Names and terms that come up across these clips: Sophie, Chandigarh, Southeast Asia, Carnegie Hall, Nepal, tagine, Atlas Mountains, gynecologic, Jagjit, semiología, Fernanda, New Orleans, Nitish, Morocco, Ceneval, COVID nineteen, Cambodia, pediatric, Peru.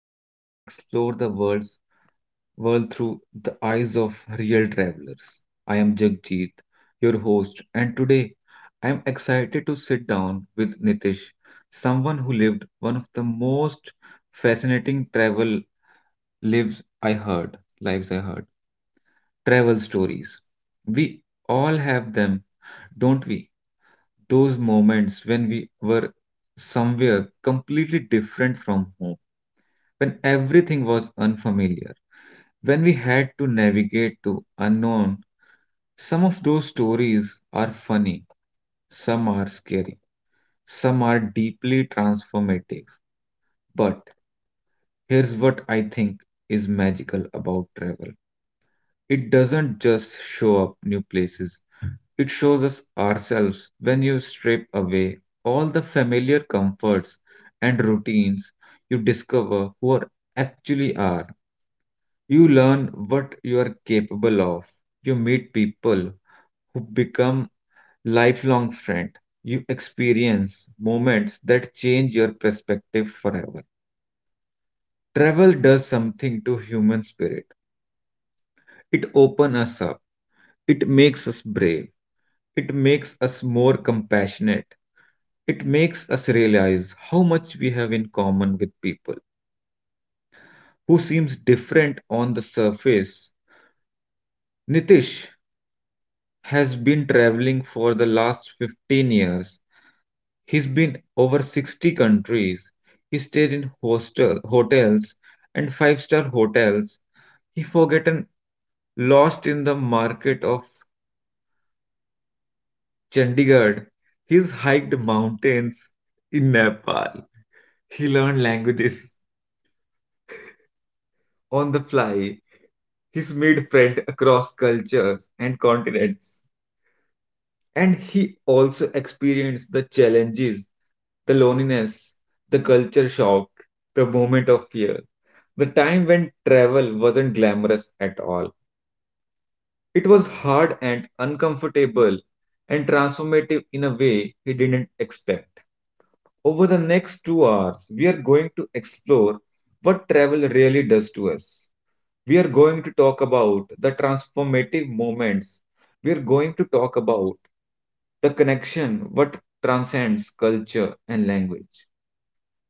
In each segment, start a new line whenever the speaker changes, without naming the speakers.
where we explore the world through the eyes of real travelers. I am Jagjit, your host, and today I am excited to sit down with Nitish, someone who lived one of the most fascinating travel lives I heard. Travel stories. We all have them, don't we? Those moments when we were somewhere completely different from home, when everything was unfamiliar, when we had to navigate to unknown. Some of those stories are funny, some are scary, some are deeply transformative. But here's what I think is magical about travel: it doesn't just show up new places, it shows us ourselves. When you strip away all the familiar comforts and routines, you discover who are actually are. You learn what you are capable of. You meet people who become lifelong friends. You experience moments that change your perspective forever. Travel does something to human spirit. It opens us up. It makes us brave. It makes us more compassionate. It makes us realize how much we have in common with people who seems different on the surface. Nitish has been traveling for the last 15 years. He's been over 60 countries. He stayed in hostel hotels and five-star hotels. He forgotten lost in the market of Chandigarh. He's hiked mountains in Nepal. He learned languages on the fly. He's made friends across cultures and continents. And he also experienced the challenges, the loneliness, the culture shock, the moment of fear, the time when travel wasn't glamorous at all. It was hard and uncomfortable and transformative in a way he didn't expect. Over the next 2 hours, we are going to explore what travel really does to us. We are going to talk about the transformative moments. We are going to talk about the connection what transcends culture and language.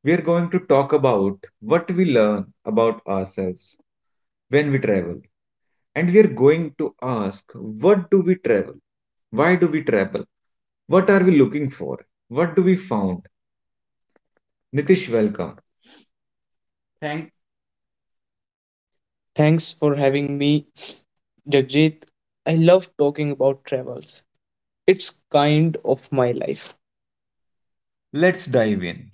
We are going to talk about what we learn about ourselves when we travel. And we are going to ask, what do we travel? Why do we travel? What are we looking for? What do we found? Nitish, welcome. Thank.
Thanks for having me, Jagjit. I love talking about travels. It's kind of my life.
Let's dive in.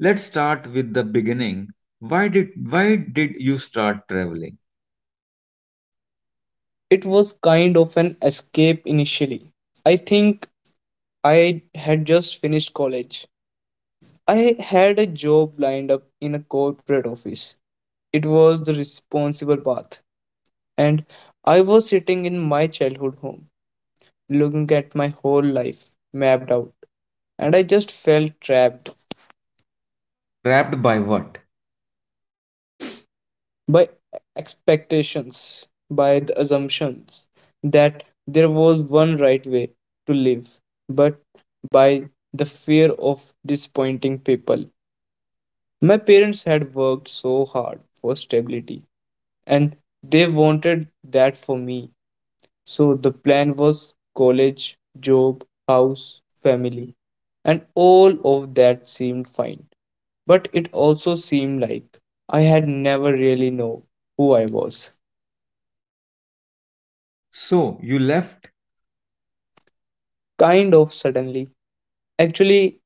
Let's start with the beginning. Why did you start traveling?
It was kind of an escape initially. I think I had just finished college. I had a job lined up in a corporate office. It was the responsible path. And I was sitting in my childhood home, looking at my whole life mapped out. And I just felt trapped,
Trapped by what?
by expectations, by the assumptions that there was one right way to live, but by the fear of disappointing people. My parents had worked so hard for stability and they wanted that for me. So the plan was college, job, house, family, and all of that seemed fine. But it also seemed like I had never really know who I was.
So you left.
Kind of suddenly. Actually,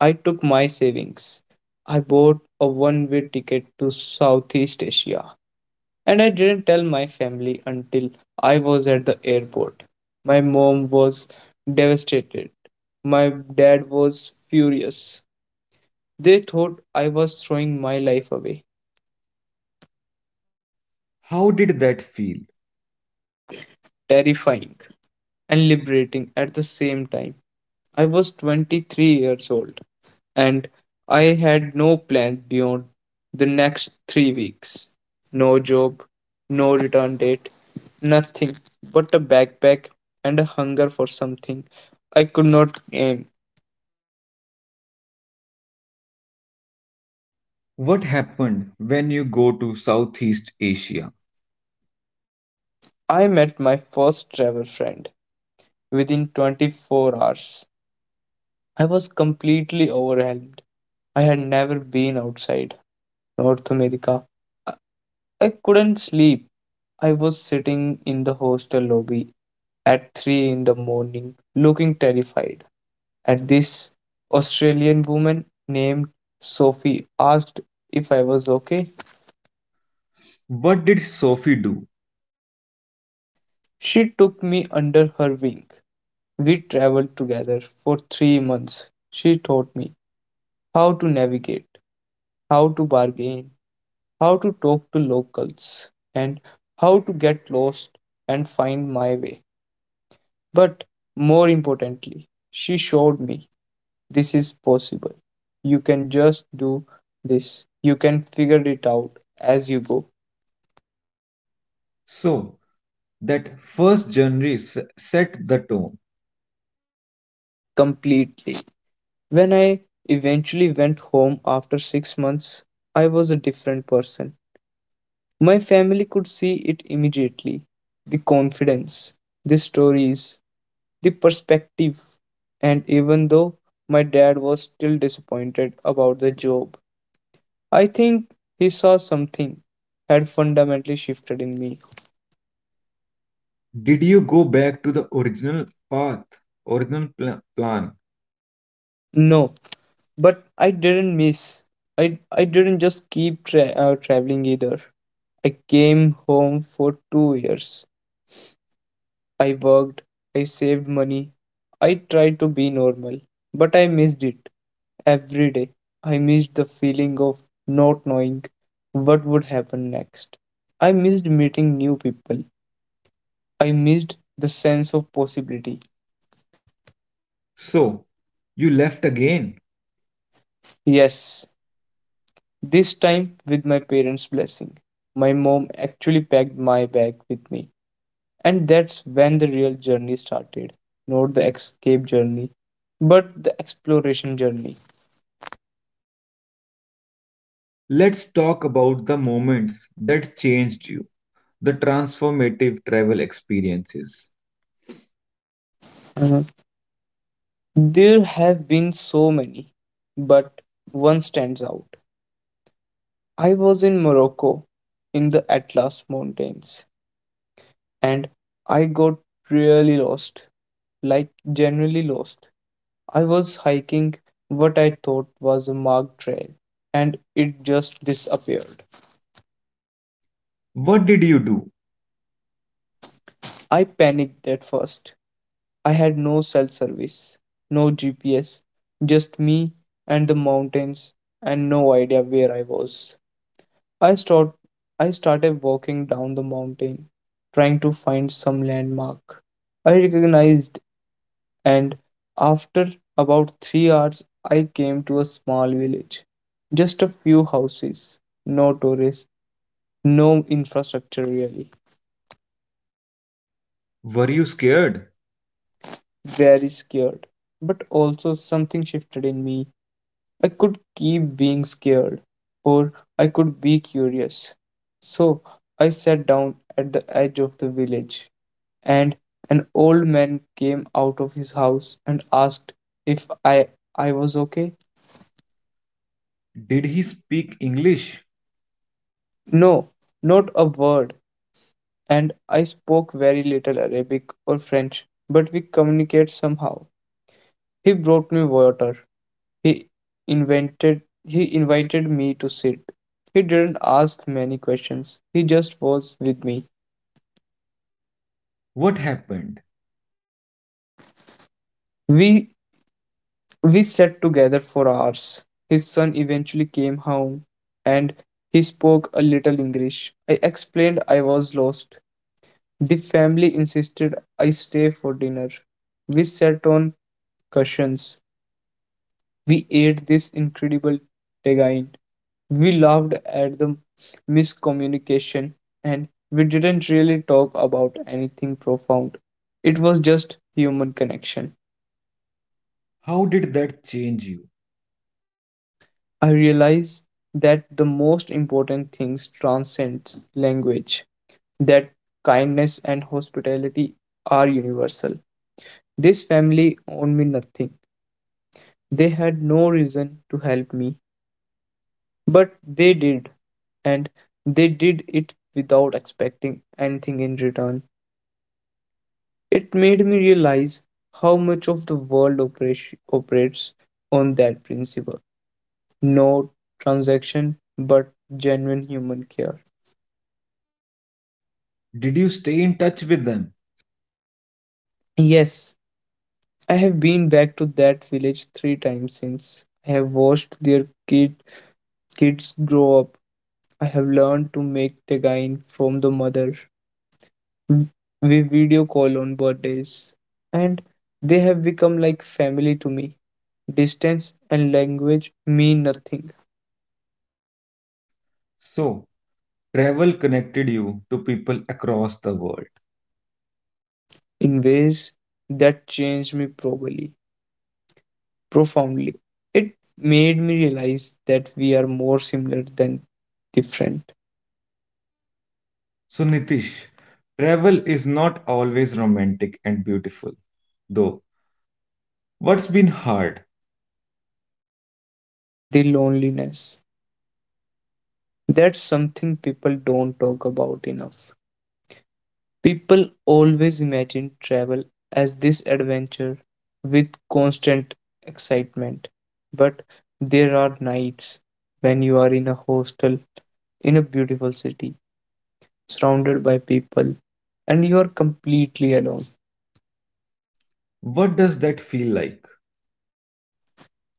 I took my savings. I bought a one way ticket to Southeast Asia. And I didn't tell my family until I was at the airport. My mom was devastated. My dad was furious. They thought I was throwing my life away.
How did that feel?
Terrifying and liberating at the same time. I was 23 years old. And I had no plans beyond the next 3 weeks. No job, no return date, nothing but a backpack and a hunger for something I could not aim.
What happened when you go to Southeast Asia?
I met my first travel friend within 24 hours. I was completely overwhelmed. I had never been outside North America. I couldn't sleep. I was sitting in the hostel lobby at 3 in the morning, looking terrified. At this, Australian woman named Sophie asked if I was okay.
What did Sophie do?
She took me under her wing. We traveled together for 3 months. She taught me how to navigate, how to bargain, how to talk to locals, and how to get lost and find my way. But more importantly, she showed me this is possible. You can just do this, you can figure it out as you go
So that first set the tone.
completely. When I eventually went home after 6 months, I was a different person. My family could see it immediately, the confidence, the stories, the perspective. And even though my dad was still disappointed about the job, I think he saw something had fundamentally shifted in me.
Did you go back to the original path, original plan?
No, but I didn't miss. I didn't just keep traveling either. I came home for 2 years. I worked, I saved money, I tried to be normal, but I missed it every day. I missed the feeling of not knowing what would happen next. I missed meeting new people. I missed the sense of possibility.
So you left again.
Yes, this time with my parents' blessing. My mom actually packed my bag with me. And that's when the real journey started. Not the escape journey, but the exploration journey.
Let's talk about the moments that changed you, the transformative travel experiences.
Mhm. There have been so many, but one stands out. I was in Morocco in the Atlas Mountains and I got really lost, like genuinely lost. I was hiking what I thought was a marked trail, and it just disappeared.
What did you do?
I panicked at first. I had no cell service, no GPS, just me and the mountains, and no idea where I was. I, start, I started walking down the mountain, trying to find some landmark I recognized, and after about 3 hours, I came to a small village. Just a few houses, no tourists, no infrastructure really.
Were you scared?
Very scared. But also, something shifted in me. I could keep being scared, or I could be curious. So, I sat down at the edge of the village, and an old man came out of his house and asked if I was okay.
Did he speak English?
No, not a word. And I spoke very little Arabic or French, but we communicate somehow. He brought me water. He he invited me to sit. He didn't ask many questions. He just was with me.
What happened?
We we sat together for hours. His son eventually came home and he spoke a little English. I explained I was lost. The family insisted I stay for dinner. We sat on cushions. We ate this incredible tagine. We laughed at the miscommunication, and we didn't really talk about anything profound. It was just human connection.
How did that change you?
I realized that the most important things transcend language, that kindness and hospitality are universal. This family owed me nothing. They had no reason to help me, but they did, and they did it without expecting anything in return. It made me realize how much of the world operates on that principle, no transaction, but genuine human care.
Did you stay in touch with them?
Yes, I have been back to that village 3 times since. I have watched their kids grow up. I have learned to make tegain from the mother. We video call on birthdays, and they have become like family to me. Distance and language mean nothing,
So, travel connected you to people across the world.
in ways that changed me probably profoundly. It made me realize that we are more similar than different.
So, Nitish, travel is not always romantic and beautiful, though. What's been hard?
The loneliness. That's something people don't talk about enough. People always imagine travel as this adventure with constant excitement, but there are nights when you are in a hostel in a beautiful city, surrounded by people, and you are completely alone.
What does that feel like?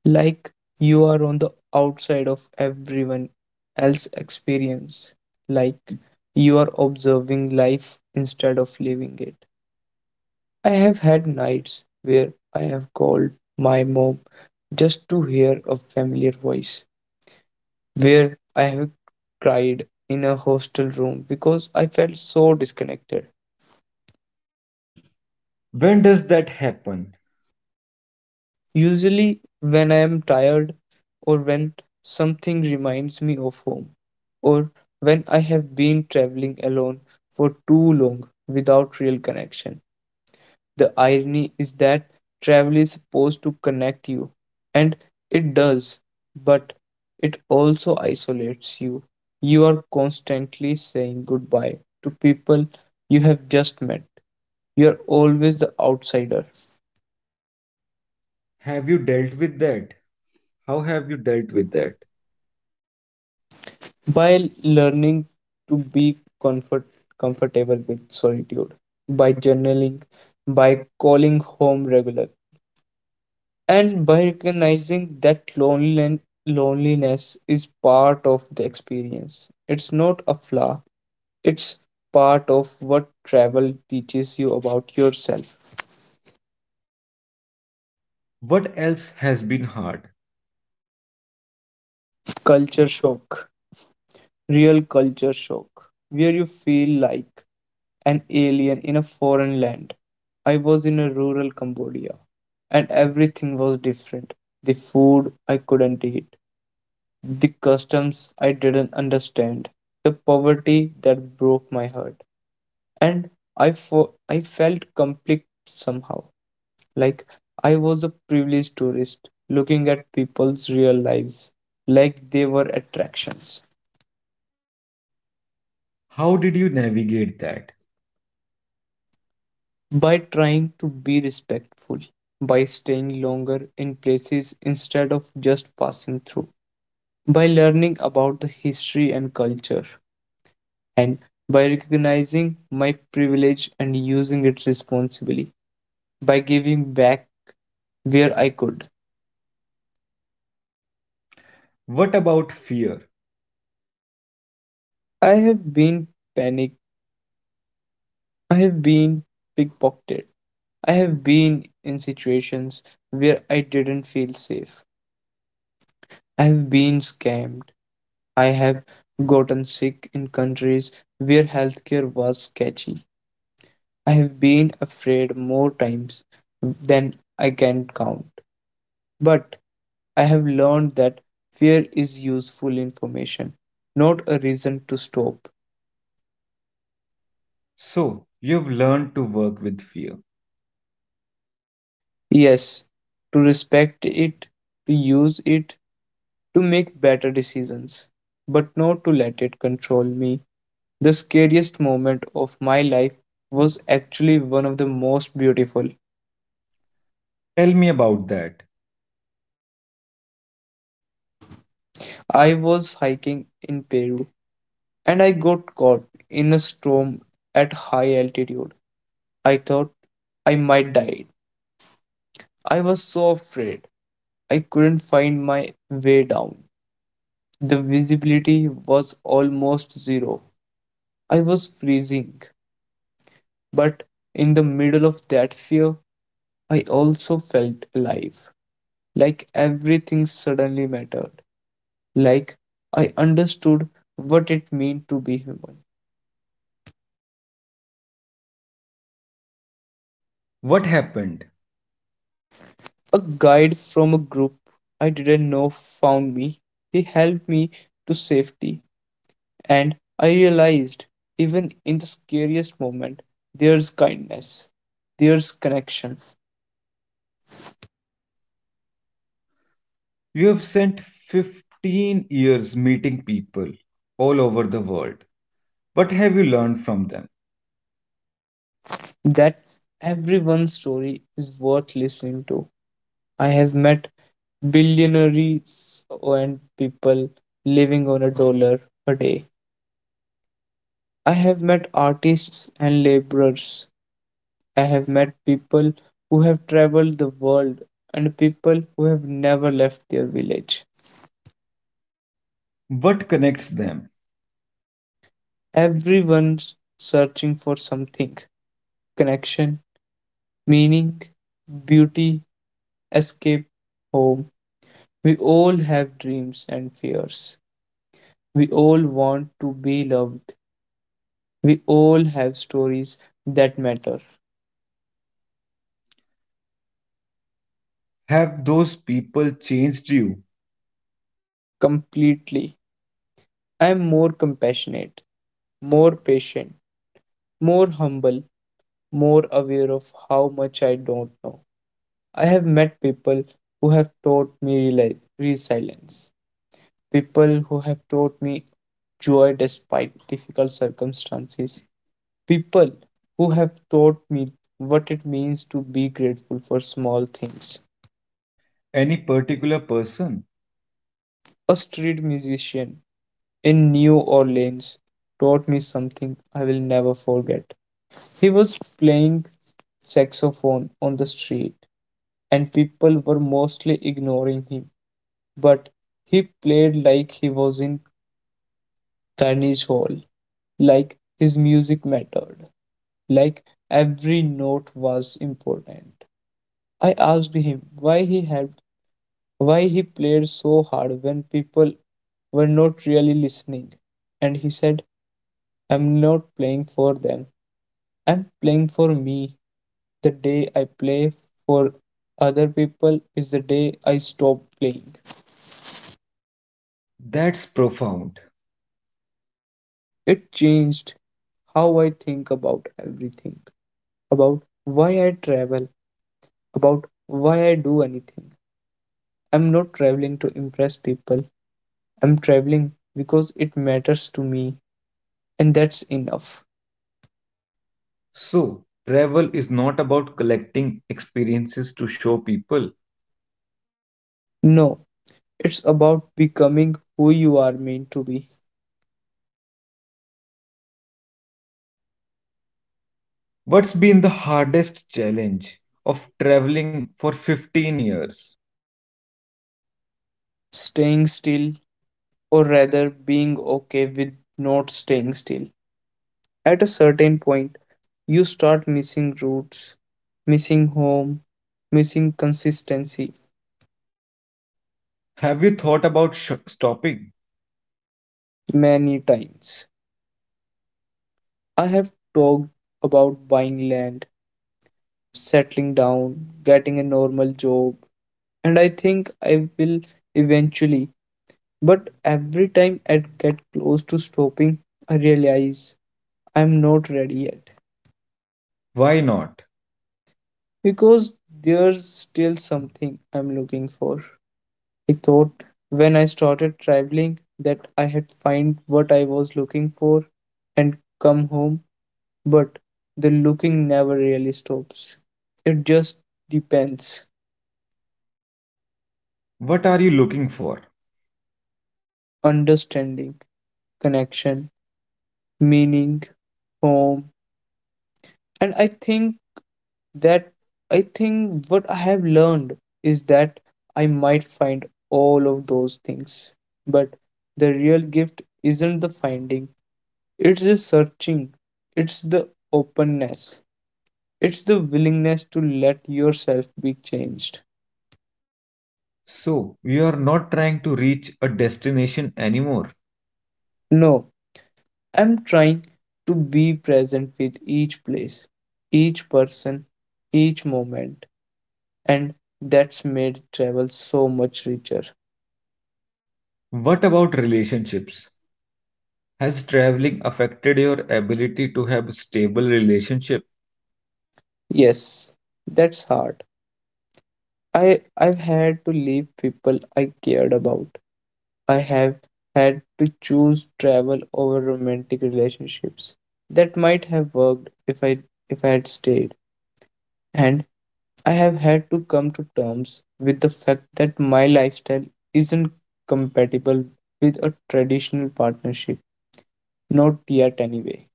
Like you are on the outside of everyone else's experience, like you are observing life instead of living it. I have had nights where I have called my mom just to hear a familiar voice, where I have cried in a hostel room because I felt so disconnected.
When does that happen?
Usually, when I am tired, or when something reminds me of home, or when I have been traveling alone for too long without real connection. The irony is that travel is supposed to connect you, and it does, but it also isolates you. You are constantly saying goodbye to people you have just met. You are always the outsider.
Have you dealt with that? How have you dealt with that?
By learning to be comfortable with solitude, by journaling, by calling home regularly, and by recognizing that loneliness is part of the experience, it's not a flaw, it's part of what travel teaches you about yourself.
What else has been hard?
Culture shock, real culture shock, where you feel like an alien in a foreign land. I was in a rural Cambodia and everything was different. The food I couldn't eat, the customs I didn't understand, the poverty that broke my heart. And I felt complete somehow, like I was a privileged tourist looking at people's real lives like they were attractions.
How did you navigate that?
By trying to be respectful, by staying longer in places instead of just passing through, by learning about the history and culture, and by recognizing my privilege and using it responsibly, by giving back where I could.
What about fear?
I have been panicked, I have been pickpocketed, I have been in situations where I didn't feel safe, I have been scammed, I have gotten sick in countries where healthcare was sketchy. I have been afraid more times than I can count. But I have learned that fear is useful information, not a reason to stop.
So, you've learned to work with fear.
Yes, to respect it, to use it, to make better decisions, but not to let it control me. The scariest moment of my life was actually one of the most beautiful.
Tell me about that. I
I was hiking in Peru and I got caught in a storm at high altitude. I thought I might die. I was so afraid. I couldn't find my way down. The visibility was almost zero. I was freezing. But in the middle of that fear, I also felt alive. Like everything suddenly mattered. Like I understood what it meant to be human.
what happened?
A guide from a group I didn't know found me. He helped me to safety. And I realized, even in the scariest moment, there's kindness, there's connection.
You have sent 15 years meeting people all over the world. What have you learned from them?
That everyone's story is worth listening to. I have met billionaires and people living on a dollar a day. I have met artists and laborers. I have met people who have traveled the world and people who have never left their village.
What connects them?
Everyone's searching for something, connection, meaning, beauty, escape, home. We all have dreams and fears. We all want to be loved. We all have stories that matter.
Have those people changed you?
Completely. I am more compassionate, more patient, more humble, more aware of how much I don't know. I have met people who have taught me resilience, people who have taught me joy despite difficult circumstances, people who have taught me what it means to be grateful for small things.
Any particular person?
A street musician in New Orleans taught me something I will never forget. He was playing saxophone on the street, and people were mostly ignoring him. But he played like he was in Carnegie Hall, like his music mattered, like every note was important. I asked him why he played so hard when people were not really listening. And he said, "I'm not playing for them. I'm playing for me. The day I play for other people is the day I stop playing."
That's profound.
It changed how I think about everything, about why I travel, about why I do anything. I'm not traveling to impress people. I'm traveling because it matters to me, and that's enough.
So, travel is not about collecting experiences to show people.
No, it's about becoming who you are meant to be.
What's been the hardest challenge of traveling for 15 years?
Staying still, or rather being okay with not staying still. At a certain point, you start missing roots, missing home, missing consistency.
Have you thought about stopping?
Many times I have talked about buying land, settling down, getting a normal job, and I think I will eventually. But every time I get close to stopping, I realize I'm not ready yet
Why not?
because there's still something I'm looking for. I thought when I started traveling that I had find what I was looking for and come home, but the looking never really stops. It just depends.
What are you looking for?
Understanding, connection, meaning, home. And that I think what I have learned is that I might find all of those things, but the real gift isn't the finding, it's the searching, it's the openness, it's the willingness to let yourself be changed.
So, you are not trying to reach a destination anymore.
No, I'm trying to be present with each place, each person, each moment, and that's made travel so much richer.
What about relationships? Has traveling affected your ability to have a stable relationship?
Yes, that's hard. I've had to leave people I cared about. I have had to choose travel over romantic relationships that might have worked if I had stayed. And I have had to come to terms with the fact that my lifestyle isn't compatible with a traditional partnership. Not yet anyway.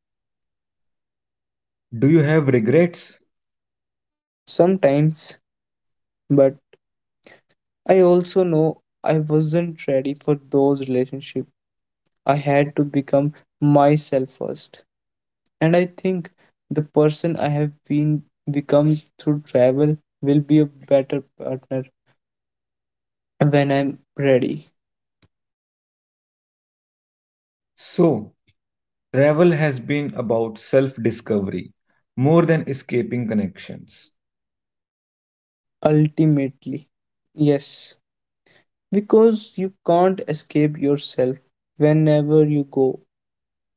Do you have regrets?
Sometimes, but I also know I wasn't ready for those relationships. I had to become myself first. And I think the person I have been become through travel will be a better partner when I'm ready.
So, travel has been about self discovery more than escaping connections.
Ultimately, yes, because you can't escape yourself. Whenever you go,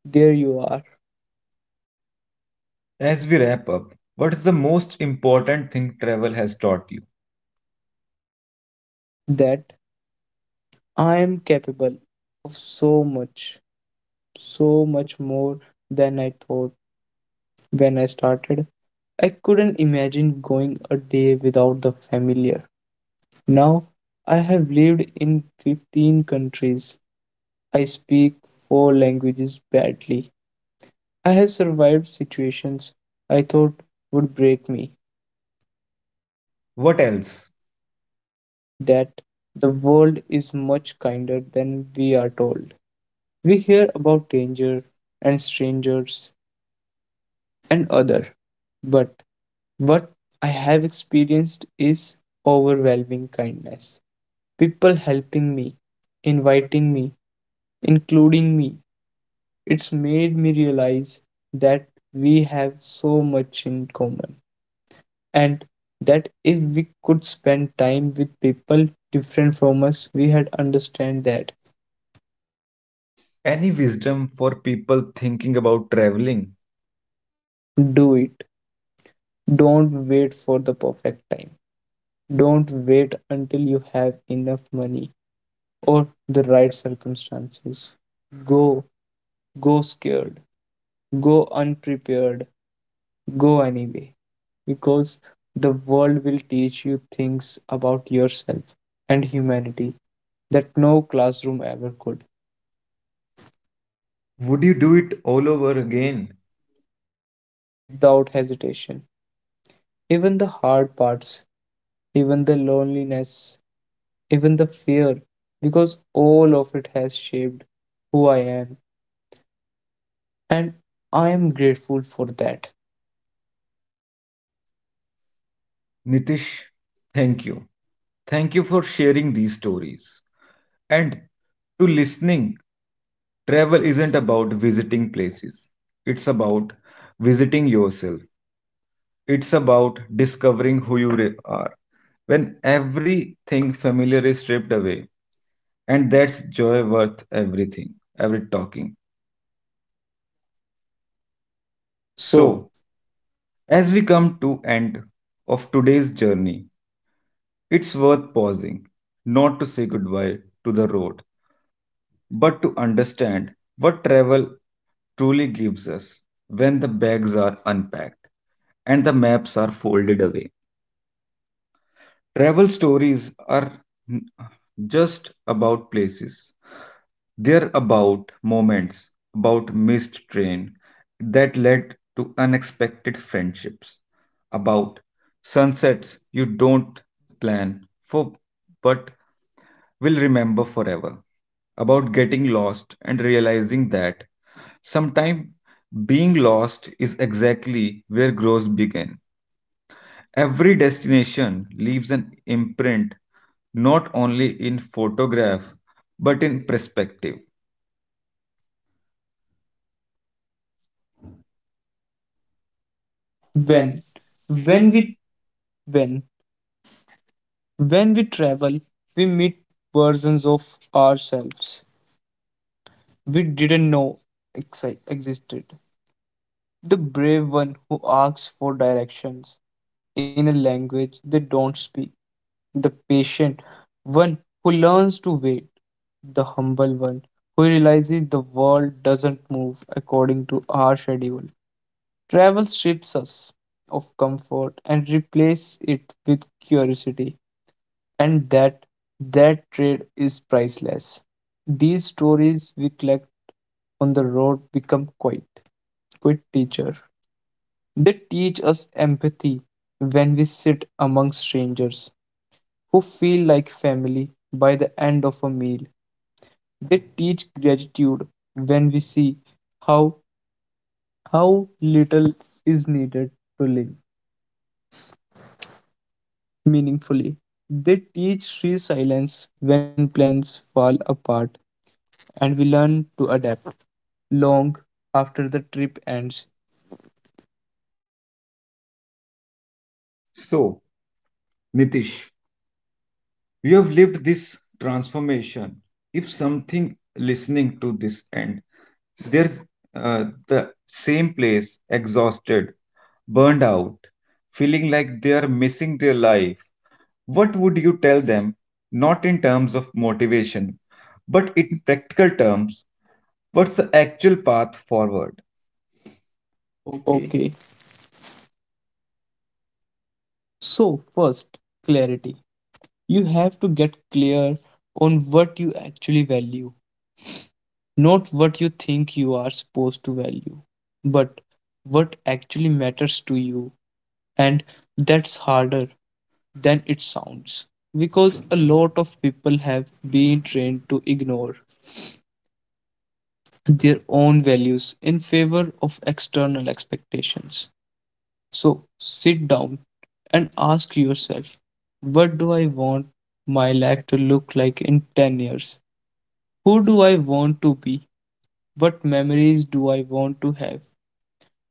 there you are.
As we wrap up, what is the most important thing travel has taught you?
That I am capable of so much, so much more than I thought. When I started, I couldn't imagine going a day without the familiar. Now, I have lived in 15 countries. I speak four languages badly. I have survived situations I thought would break me.
What else?
That the world is much kinder than we are told. We hear about danger and strangers and other, but what I have experienced is overwhelming kindness. People helping me, inviting me, including me. It's made me realize that we have so much in common, and that if we could spend time with people different from us, we had understand that.
Any wisdom for people thinking about traveling?
Do it. Don't wait for the perfect time. Don't wait until you have enough money or the right circumstances. Go, go scared, go unprepared, go anyway, because the world will teach you things about yourself and humanity that no classroom ever could.
Would you do it all over again?
Without hesitation. Even the hard parts, even the loneliness, even the fear, because all of it has shaped who I am, and I am grateful for that.
Nitish, thank you. Thank you for sharing these stories. And to listening, travel isn't about visiting places, it's about visiting yourself, it's about discovering who you are. When everything familiar is stripped away, and that's joy worth everything every talking.
So,
So, as we come to end of today's journey, it's worth pausing, not to say goodbye to the road, but to understand what travel truly gives us. When the bags are unpacked and the maps are folded away, travel stories are n- just about places. They're about moments, about missed train that led to unexpected friendships, about sunsets you don't plan for but will remember forever, about getting lost and realizing that sometimes being lost is exactly where growth began. Every destination leaves an imprint not only in photograph but in perspective.
when when we when when we travel, we meet versions of ourselves we didn't know existed. The brave one who asks for directions in a language they don't speak. The patient one who learns to wait. The humble one who realizes the world doesn't move according to our schedule. Travel strips us of comfort and replace it with curiosity, and that trade is priceless. These stories we collect on the road become quite teacher. They teach us empathy when we sit among strangers who feel like family by the end of a meal. They teach gratitude when we see how how little is needed to live meaningfully. They teach resilience when plans fall apart and we learn to adapt, long after the trip ends.
So, Nitish, you have lived this transformation. If something listening to this end, there's the same place, exhausted, burned out, feeling like they are missing their life, what would you tell them? Not in terms of motivation, but in practical terms, what's the actual path forward? Okay.
Okay, so first, clarity. You have to get clear on what you actually value, not what you think you are supposed to value, but what actually matters to you. And that's harder than it sounds because a lot of people have been trained to ignore their own values in favor of external expectations. So sit down and ask yourself, what do I want my life to look like in 10 years? Who do I want to be? What memories do I want to have?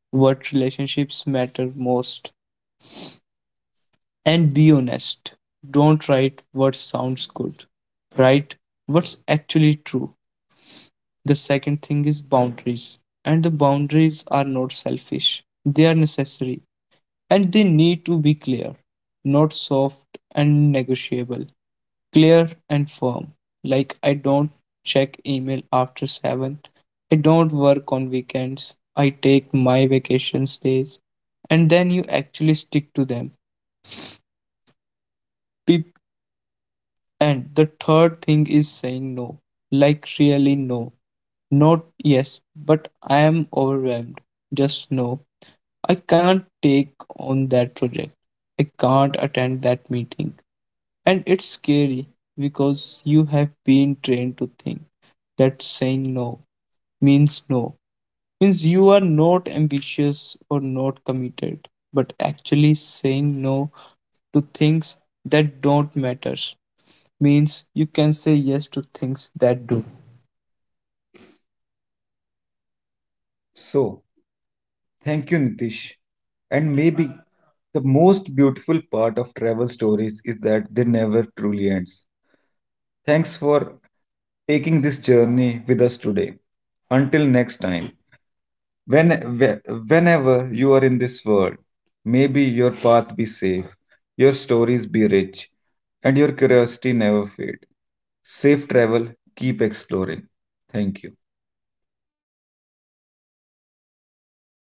What relationships matter most? And be honest. Don't write what sounds good. Write what's actually true. The second thing is boundaries. And the boundaries are not selfish, they are necessary. And they need to be clear, not soft and negotiable. Clear and firm. Like, I don't check email after 7. I don't work on weekends. I take my vacation days. And then you actually stick to them. Peop- And the third thing is saying no. Like, really no. Not yes, but I am overwhelmed. Just no. I can't take on that project. I can't attend that meeting. And it's scary because you have been trained to think that saying no means no, means you are not ambitious or not committed. But actually, saying no to things that don't matter means you can say yes to things that do.
So, thank you, Nitish. And maybe the most beautiful part of travel stories is that they never truly ends. Thanks for taking this journey with us today. Until next time, when whe- whenever you are in this world, maybe your path be safe, your stories be rich, and your curiosity never fade. Safe travel, keep exploring. Thank you.